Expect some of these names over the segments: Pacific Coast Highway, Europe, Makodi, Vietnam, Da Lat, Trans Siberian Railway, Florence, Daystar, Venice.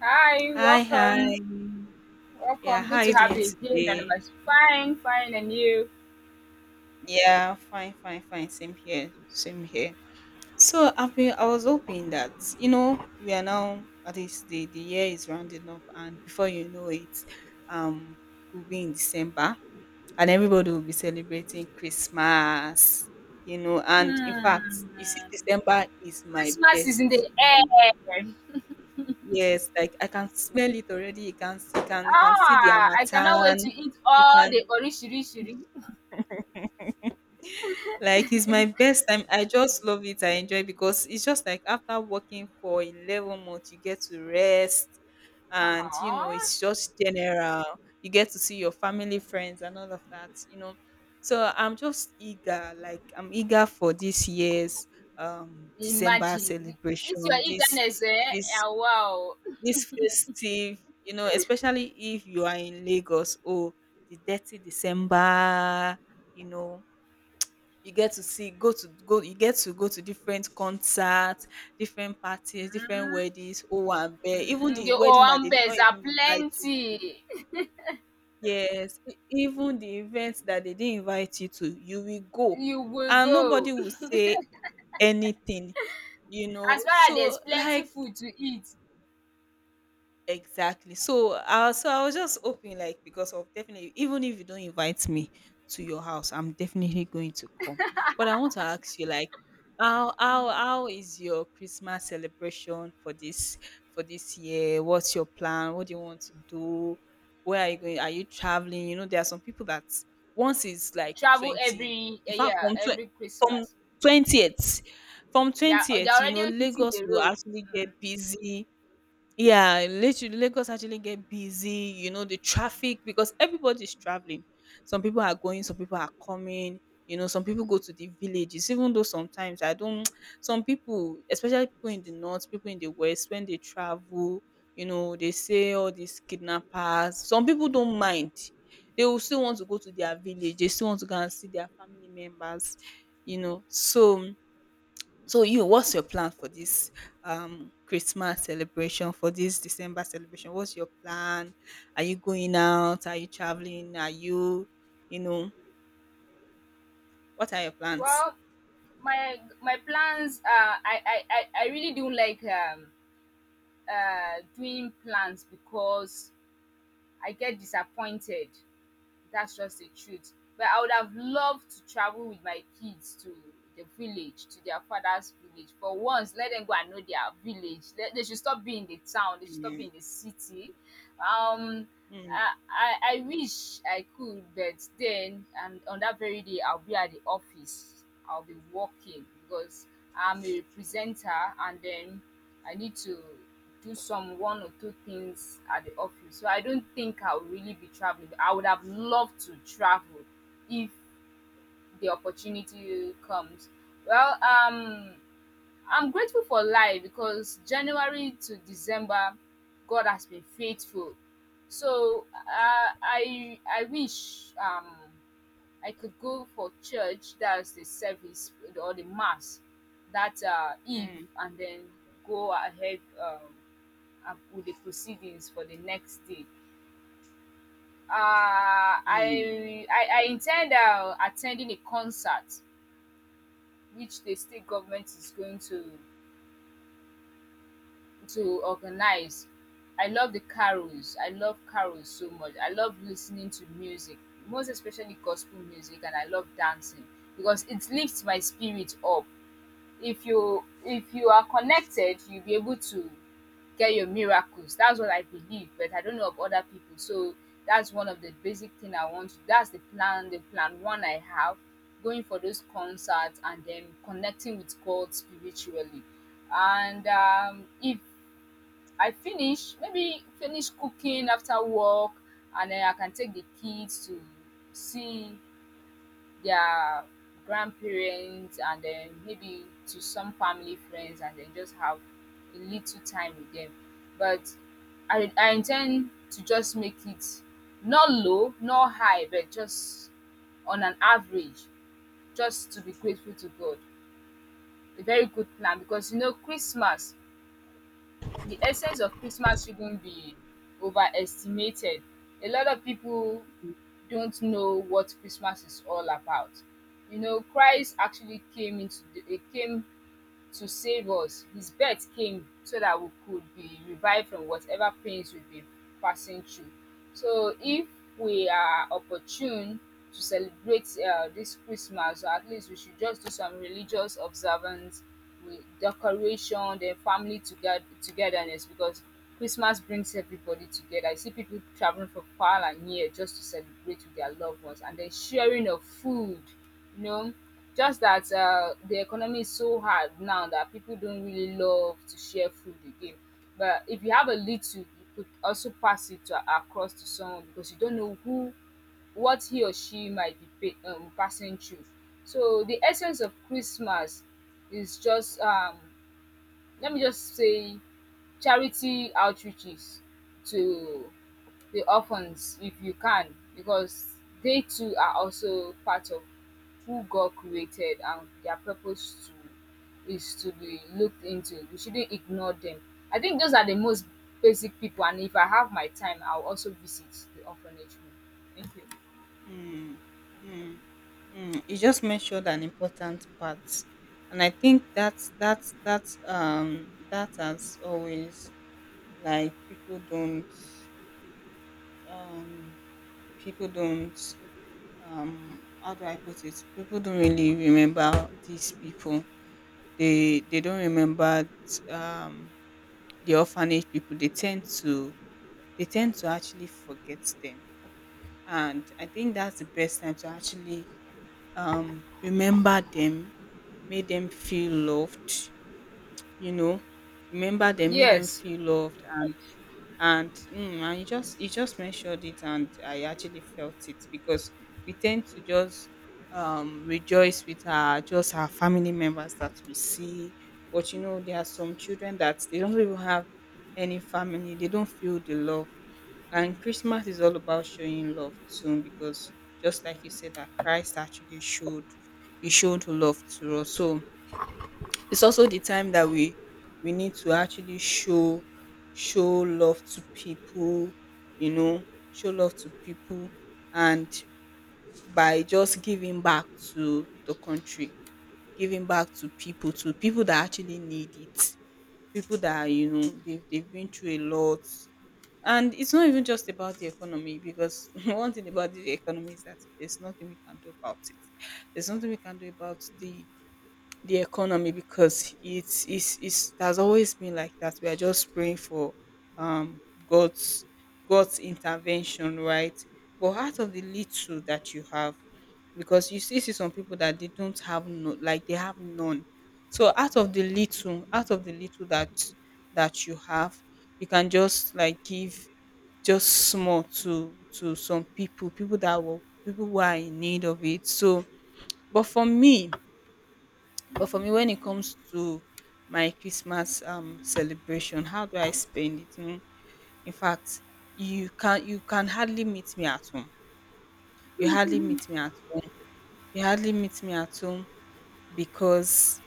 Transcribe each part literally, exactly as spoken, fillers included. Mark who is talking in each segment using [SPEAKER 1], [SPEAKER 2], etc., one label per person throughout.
[SPEAKER 1] Hi,
[SPEAKER 2] Hi,
[SPEAKER 1] welcome.
[SPEAKER 2] hi. Yeah,
[SPEAKER 1] Welcome.
[SPEAKER 2] how
[SPEAKER 1] Good
[SPEAKER 2] are
[SPEAKER 1] to
[SPEAKER 2] you
[SPEAKER 1] have
[SPEAKER 2] doing
[SPEAKER 1] you again,
[SPEAKER 2] today?
[SPEAKER 1] Anonymous. Fine, fine, and you?
[SPEAKER 2] Yeah, fine, fine, fine. Same here, same here. So I've been, I was hoping that you know we are now at least the the year is rounding up, and before you know it, um, we'll be in December, and everybody will be celebrating Christmas. You know, and In fact,
[SPEAKER 1] Hmm.
[SPEAKER 2] you see, December is my
[SPEAKER 1] Christmas is in
[SPEAKER 2] best
[SPEAKER 1] the
[SPEAKER 2] month.
[SPEAKER 1] air.
[SPEAKER 2] Yes, like I can smell it already. You can, you can, you can see the
[SPEAKER 1] Ah, I cannot
[SPEAKER 2] Amatan.
[SPEAKER 1] wait to eat
[SPEAKER 2] You
[SPEAKER 1] all
[SPEAKER 2] can
[SPEAKER 1] the orishirishiri.
[SPEAKER 2] Like it's my best time. I just love it. I enjoy it because it's just like after working for eleven months, you get to rest and you know,
[SPEAKER 1] Ah,
[SPEAKER 2] it's just general. You get to see your family, friends and all of that, you know. So I'm just eager, like I'm eager for this year's um December
[SPEAKER 1] imagine.
[SPEAKER 2] celebration,
[SPEAKER 1] It's your
[SPEAKER 2] this
[SPEAKER 1] eagerness, eh?
[SPEAKER 2] this
[SPEAKER 1] Ah, wow.
[SPEAKER 2] this festive, you know, especially if you are in Lagos, oh the thirtieth December, you know, you get to see go to go you get to go to different concerts, different parties, different weddings. Oh, owambe, even
[SPEAKER 1] Hmm,
[SPEAKER 2] the
[SPEAKER 1] the
[SPEAKER 2] wedding that they did not
[SPEAKER 1] owambes are
[SPEAKER 2] even invite you.
[SPEAKER 1] plenty.
[SPEAKER 2] Yes, e even the events that they didn't invite you to, you will go
[SPEAKER 1] You will
[SPEAKER 2] and nobody
[SPEAKER 1] go.
[SPEAKER 2] will say anything, you know.
[SPEAKER 1] As far as
[SPEAKER 2] So,
[SPEAKER 1] there's plenty
[SPEAKER 2] like,
[SPEAKER 1] food to eat,
[SPEAKER 2] exactly. So, uh, so I was just hoping, like, because of, definitely, even if you don't invite me to your house, I'm definitely going to come. But I want to ask you, like, how how how is your Christmas celebration for this for this year? What's your plan? What do you want to do? Where are you going? Are you traveling? You know, there are some people that once it's like
[SPEAKER 1] travel
[SPEAKER 2] twenty.
[SPEAKER 1] every
[SPEAKER 2] In
[SPEAKER 1] eh,
[SPEAKER 2] fact,
[SPEAKER 1] yeah,
[SPEAKER 2] from tw-
[SPEAKER 1] every
[SPEAKER 2] from
[SPEAKER 1] Christmas.
[SPEAKER 2] twentieth, from
[SPEAKER 1] They're they're
[SPEAKER 2] twentieth, you
[SPEAKER 1] already
[SPEAKER 2] know,
[SPEAKER 1] hitting
[SPEAKER 2] Lagos
[SPEAKER 1] the
[SPEAKER 2] will
[SPEAKER 1] road.
[SPEAKER 2] actually
[SPEAKER 1] Mm.
[SPEAKER 2] get busy. Yeah, literally Lagos actually get busy, you know, the traffic, because everybody's traveling. Some people are going, some people are coming, you know, some people go to the villages, even though sometimes I don't some people, especially people in the north, people in the west, when they travel, you know, they say all these kidnappers. Some people don't mind. They will still want to go to their village, they still want to go and see their family members, you know. So so you, what's your plan for this um Christmas celebration, for this December celebration? What's your plan? Are you going out? Are you traveling? Are you, you know, what are your plans?
[SPEAKER 1] Well, my my plans uh I I I I really don't like um uh doing plans because I get disappointed. That's just the truth. But I would have loved to travel with my kids to the village, to their father's village. For once, let them go and know their village. They, they should stop being in the town. They should stop
[SPEAKER 2] Mm,
[SPEAKER 1] being in the city. Um,
[SPEAKER 2] mm,
[SPEAKER 1] I, I I wish I could, but then and on that very day I'll be at the office. I'll be working because I'm a presenter and then I need to do some one or two things at the office. So I don't think I'll really be traveling. I would have loved to travel if the opportunity comes. Well, um I'm grateful for life because January to December, God has been faithful. So uh, I I wish um, I could go for church. That's the service or the mass that uh, eve,
[SPEAKER 2] mm,
[SPEAKER 1] and then go ahead, um, and with the proceedings for the next day. Uh,
[SPEAKER 2] mm,
[SPEAKER 1] I, I I intend uh, attending a concert which the state government is going to to organize. I love the carols. I love carols so much. I love listening to music, most especially gospel music, and I love dancing because it lifts my spirit up. If you if you are connected, you'll be able to get your miracles. That's what I believe, but I don't know of other people. So that's one of the basic thing I want. To, that's the plan, the plan one I have, going for those concerts and then connecting with God spiritually. And um, if I finish, maybe finish cooking after work, and then I can take the kids to see their grandparents and then maybe to some family friends and then just have a little time with them. But I, I intend to just make it not low, not high, but just on an average, just to be grateful to God. A very good plan because you know, Christmas the essence of Christmas shouldn't be overestimated. A lot of people don't know what Christmas is all about. You know, Christ actually came into the, eh, came to save us. His death came so that we could be revived from whatever pains we've been passing through. So, if we are opportune to celebrate uh, this Christmas, or at least we should just do some religious observance with decoration, then family together togetherness because Christmas brings everybody together. I see people traveling from far and near just to celebrate with their loved ones, and then sharing of food, you know, just that uh, the economy is so hard now that people don't really love to share food again, but if you have a little you could also pass it to, across to someone because you don't know who what he or she might be pa- um, passing through. So the essence of Christmas is just, um, let me just say, charity outreaches to the orphans if you can, because they too are also part of who God created, and their purpose to is to be looked into. We shouldn't ignore them. I think those are the most basic people, and if I have my time I'll also visit the orphanage home. Thank you.
[SPEAKER 2] mm, mm, mm. You just mentioned an important part, and I think that's that's that's um that, as always, like people don't um people don't, um how do I put it? People don't really remember these people. They they don't remember, um the orphanage people. They tend to they tend to actually forget them. And I think that's the best time to actually um remember them, make them feel loved, you know. Remember them, make them
[SPEAKER 1] Yes.
[SPEAKER 2] feel loved. And. And mm, and you just you just mentioned it, and I actually felt it because we tend to just um rejoice with our just our family members that we see, but you know there are some children that they don't even have any family. They don't feel the love, and Christmas is all about showing love too, because just like you said, that Christ actually showed, he showed love to us. So it's also the time that we we need to actually show show love to people, you know, show love to people, and by just giving back to the country, giving back to people, to people that actually need it, people that, you know, they've, they've been through a lot. And it's not even just about the economy because one thing about the economy is that there's nothing we can do about it. There's nothing we can do about the the economy, because it's it's it's, it has always been like that. We are just praying for um God's God's intervention, right? But out of the little that you have, because you still see some people that they don't have, no, like they have none. So out of the little, out of the little that that you have, you can just like give just small to to some people, people that will people who are in need of it. So, but for me, but for me, when it comes to my Christmas um celebration, how do I spend it? Mm, in fact, you can you can hardly meet me at home. You hardly meet me at home. You hardly meet me at home, because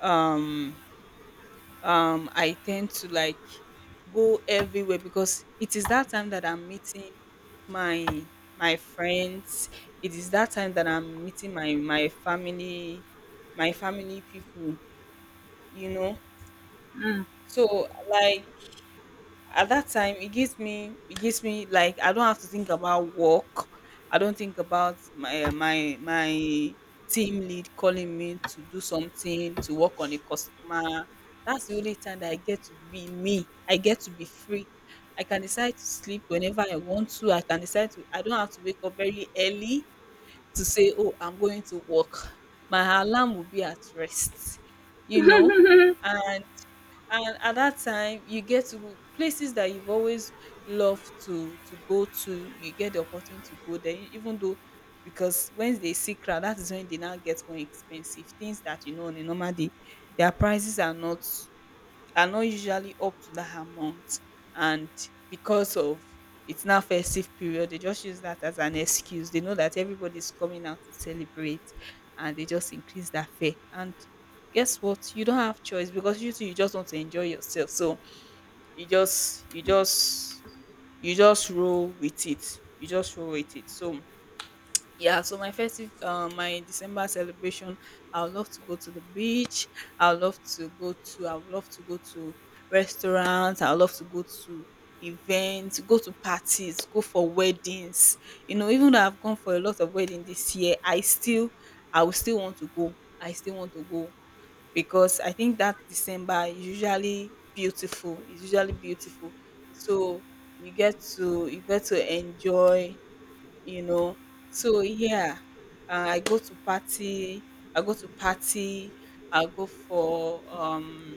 [SPEAKER 2] um um I tend to like go everywhere because it is that time that I'm meeting my my friends. It is that time that I'm meeting my my family, my family people, you know.
[SPEAKER 1] Mm.
[SPEAKER 2] So, like, at that time, it gives me it gives me, like I don't have to think about work. I don't think about my eh, my my team lead calling me to do something, to work on a customer. That's the only time that I get to be me. I get to be free. I can decide to sleep whenever I want to. I can decide to I don't have to wake up very early to say, "Oh, I'm going to work." My alarm will be at rest. You know, and and at that time you get to go- places that you've always loved to to go to. You get the opportunity to go there, e, even though, because when they see crowd, that is when they now get more expensive things, that you know on a normal day their prices are not are not usually up to that amount. And because of, it's now festive period, they just use that as an excuse. They know that everybody's coming out to celebrate, and they just increase that fare. And guess what, you don't have choice, because you too, you just want to enjoy yourself. So you just you just you just roll with it. You just roll with it so, yeah. So my festive, uh, my December celebration, I would love to go to the beach. I would love to go to. I would love to go to restaurants. I would love to go to events, go to parties, go for weddings. You know, even though I've gone for a lot of weddings this year, I still, I would still want to go. I still want to go because I think that December is usually beautiful. It's usually beautiful. So you get to you get to enjoy, you know. So yeah, uh, I go to party. I go to party. I go for um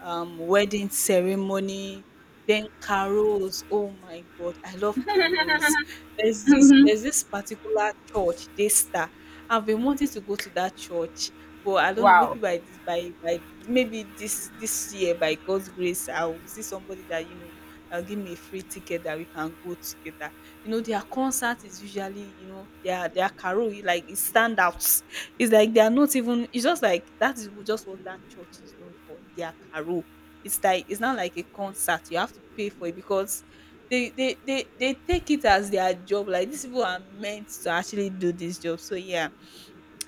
[SPEAKER 2] um, wedding ceremony, then carols. Oh my God, I love carols. There's this there's this particular church, Daystar. I've been wanting to go to that church, but I don't know. Maybe
[SPEAKER 1] Wow.
[SPEAKER 2] by this by by maybe this this year, by God's grace, I'll see somebody that, you know, that'll give me a free ticket that we can go together. You know, their concert is usually, you know, their their carol, like it stand out. It's like they are not, even it's just like that is just what that church is known for, their carol. It's like it's not like a concert. You have to pay for it because they they they, they take it as their job. Like these people are meant to actually do this job. So yeah.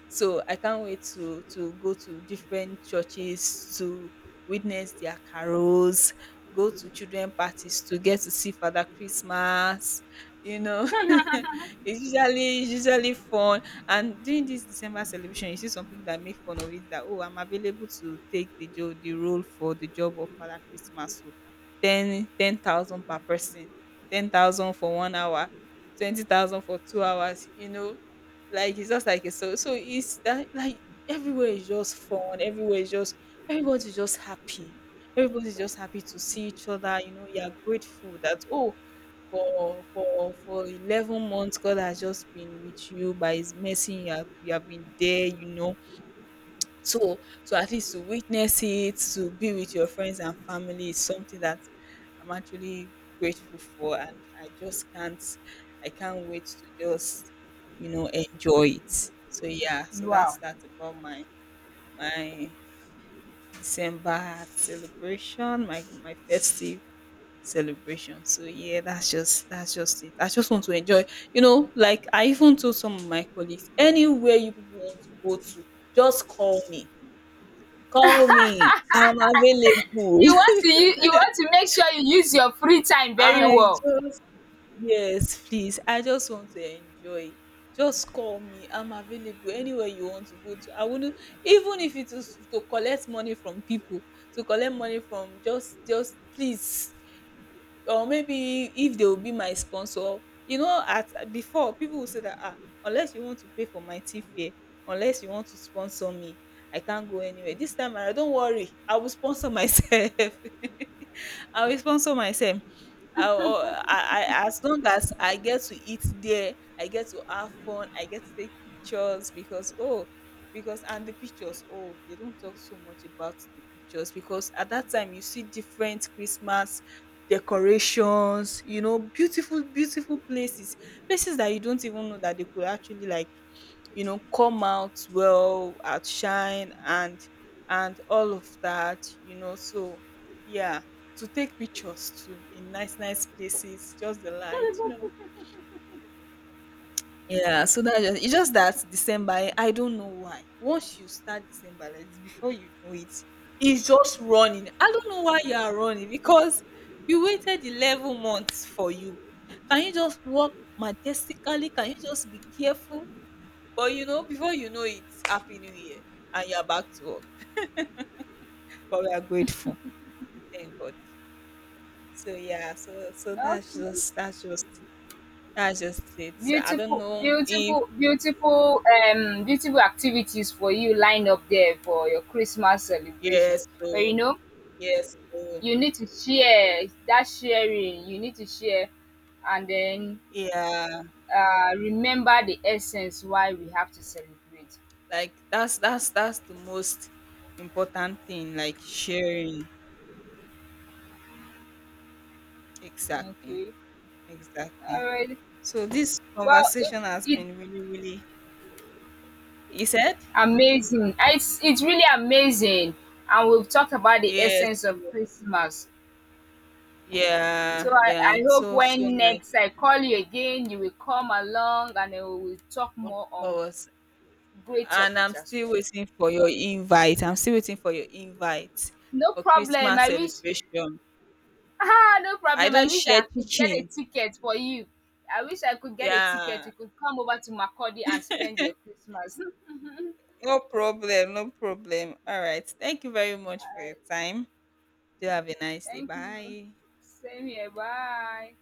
[SPEAKER 2] So I can't wait to to go to different churches to witness their carols, go to children parties to get to see Father Christmas. You know, it's usually it's usually fun. And during this December celebration, you see some people that make fun of it, that, oh, I'm available to take the job, the role for the job of Father Christmas. So ten ten thousand per person, ten thousand for one hour, twenty thousand for two hours. You know, like it's just like a, so so it's that, like everywhere is just fun, everywhere is just, everybody's just happy. Everybody's just happy to see each other, you know, you're grateful that, oh, for for for eleven months God has just been with you by his mercy. You have, you have been there, you know. So, so at least to witness it, to be with your friends and family is something that I'm actually grateful for. And I just can't I can't wait to just, you know, enjoy it. So yeah, so that's
[SPEAKER 1] Wow.
[SPEAKER 2] that about my my December celebration, my my festive celebration. So yeah, that's just that's just it. I just want to enjoy. You know, like I even told some of my colleagues, anywhere you people want to go to, just call me call me. I'm available.
[SPEAKER 1] You want to u- you want to make sure you use your free time very
[SPEAKER 2] I
[SPEAKER 1] well.
[SPEAKER 2] just, yes, please. I just want to enjoy. Just call me. I'm available anywhere you want to go to. I wouldn't, even if it is to collect money from people, to collect money from just, just please. Or maybe if they will be my sponsor. You know, at before people will say that, ah, unless you want to pay for my tea fare, unless you want to sponsor me, I can't go anywhere. This time around, don't worry, I will sponsor myself. I'll sponsor myself. i I, I, as long as I get to eat there, I get to have fun, I get to take pictures because, oh, because, and the pictures, oh, they don't talk so much about the pictures, because at that time you see different Christmas decorations, you know, beautiful, beautiful places, places that you don't even know that they could actually like, you know, come out well, outshine and and all of that, you know. So yeah, to take pictures too in nice nice places, just the light, you know. Yeah, so that just, it's just that December, eh, I don't know why once you start December like this, before you know it, it's just running. I don't know why you are running because we waited eleven months for you. Can you just walk majestically? Can you just be careful? But you know, before you know it, happy new year, and you're back to work. But we are grateful. We thank God. So yeah, so so that's
[SPEAKER 1] Okay.
[SPEAKER 2] just that's just that's just it. So I don't
[SPEAKER 1] Beautiful,
[SPEAKER 2] know if,
[SPEAKER 1] beautiful, beautiful, um, beautiful activities for you lined up there for your Christmas celebration.
[SPEAKER 2] yes,
[SPEAKER 1] But
[SPEAKER 2] so
[SPEAKER 1] you know,
[SPEAKER 2] yes, so
[SPEAKER 1] you need to share that sharing. You need to share, and then,
[SPEAKER 2] yeah,
[SPEAKER 1] uh, remember the essence why we have to celebrate.
[SPEAKER 2] like that's that's that's the most important thing, like sharing. Exactly,
[SPEAKER 1] Okay. All
[SPEAKER 2] exactly.
[SPEAKER 1] right.
[SPEAKER 2] So this
[SPEAKER 1] Well, it
[SPEAKER 2] conversation has
[SPEAKER 1] it
[SPEAKER 2] been really, really. He said,
[SPEAKER 1] amazing. It's it's really amazing, and we've talked about the
[SPEAKER 2] yes,
[SPEAKER 1] essence of Christmas.
[SPEAKER 2] yeah,
[SPEAKER 1] So I,
[SPEAKER 2] yeah.
[SPEAKER 1] I
[SPEAKER 2] It's
[SPEAKER 1] hope
[SPEAKER 2] so, so
[SPEAKER 1] when
[SPEAKER 2] nice,
[SPEAKER 1] next I call you again, you will come along and we will talk
[SPEAKER 2] of
[SPEAKER 1] more on
[SPEAKER 2] course.
[SPEAKER 1] great
[SPEAKER 2] And I'm
[SPEAKER 1] topics as
[SPEAKER 2] still
[SPEAKER 1] well.
[SPEAKER 2] waiting for your invite. I'm still waiting for your invite
[SPEAKER 1] No
[SPEAKER 2] for
[SPEAKER 1] problem.
[SPEAKER 2] Christmas
[SPEAKER 1] I wish.
[SPEAKER 2] celebration.
[SPEAKER 1] Ah, no
[SPEAKER 2] I
[SPEAKER 1] problem. I
[SPEAKER 2] don't
[SPEAKER 1] wish
[SPEAKER 2] share
[SPEAKER 1] I could get a
[SPEAKER 2] chicken.
[SPEAKER 1] ticket for you. I wish I could get a ticket.
[SPEAKER 2] Yeah,
[SPEAKER 1] You could come over to Makodi and spend your Christmas. All
[SPEAKER 2] no problem, no problem. All right. Thank you very much for your
[SPEAKER 1] right.
[SPEAKER 2] time. Do have a nice day.
[SPEAKER 1] Thank you.
[SPEAKER 2] Bye.
[SPEAKER 1] Same here. Bye.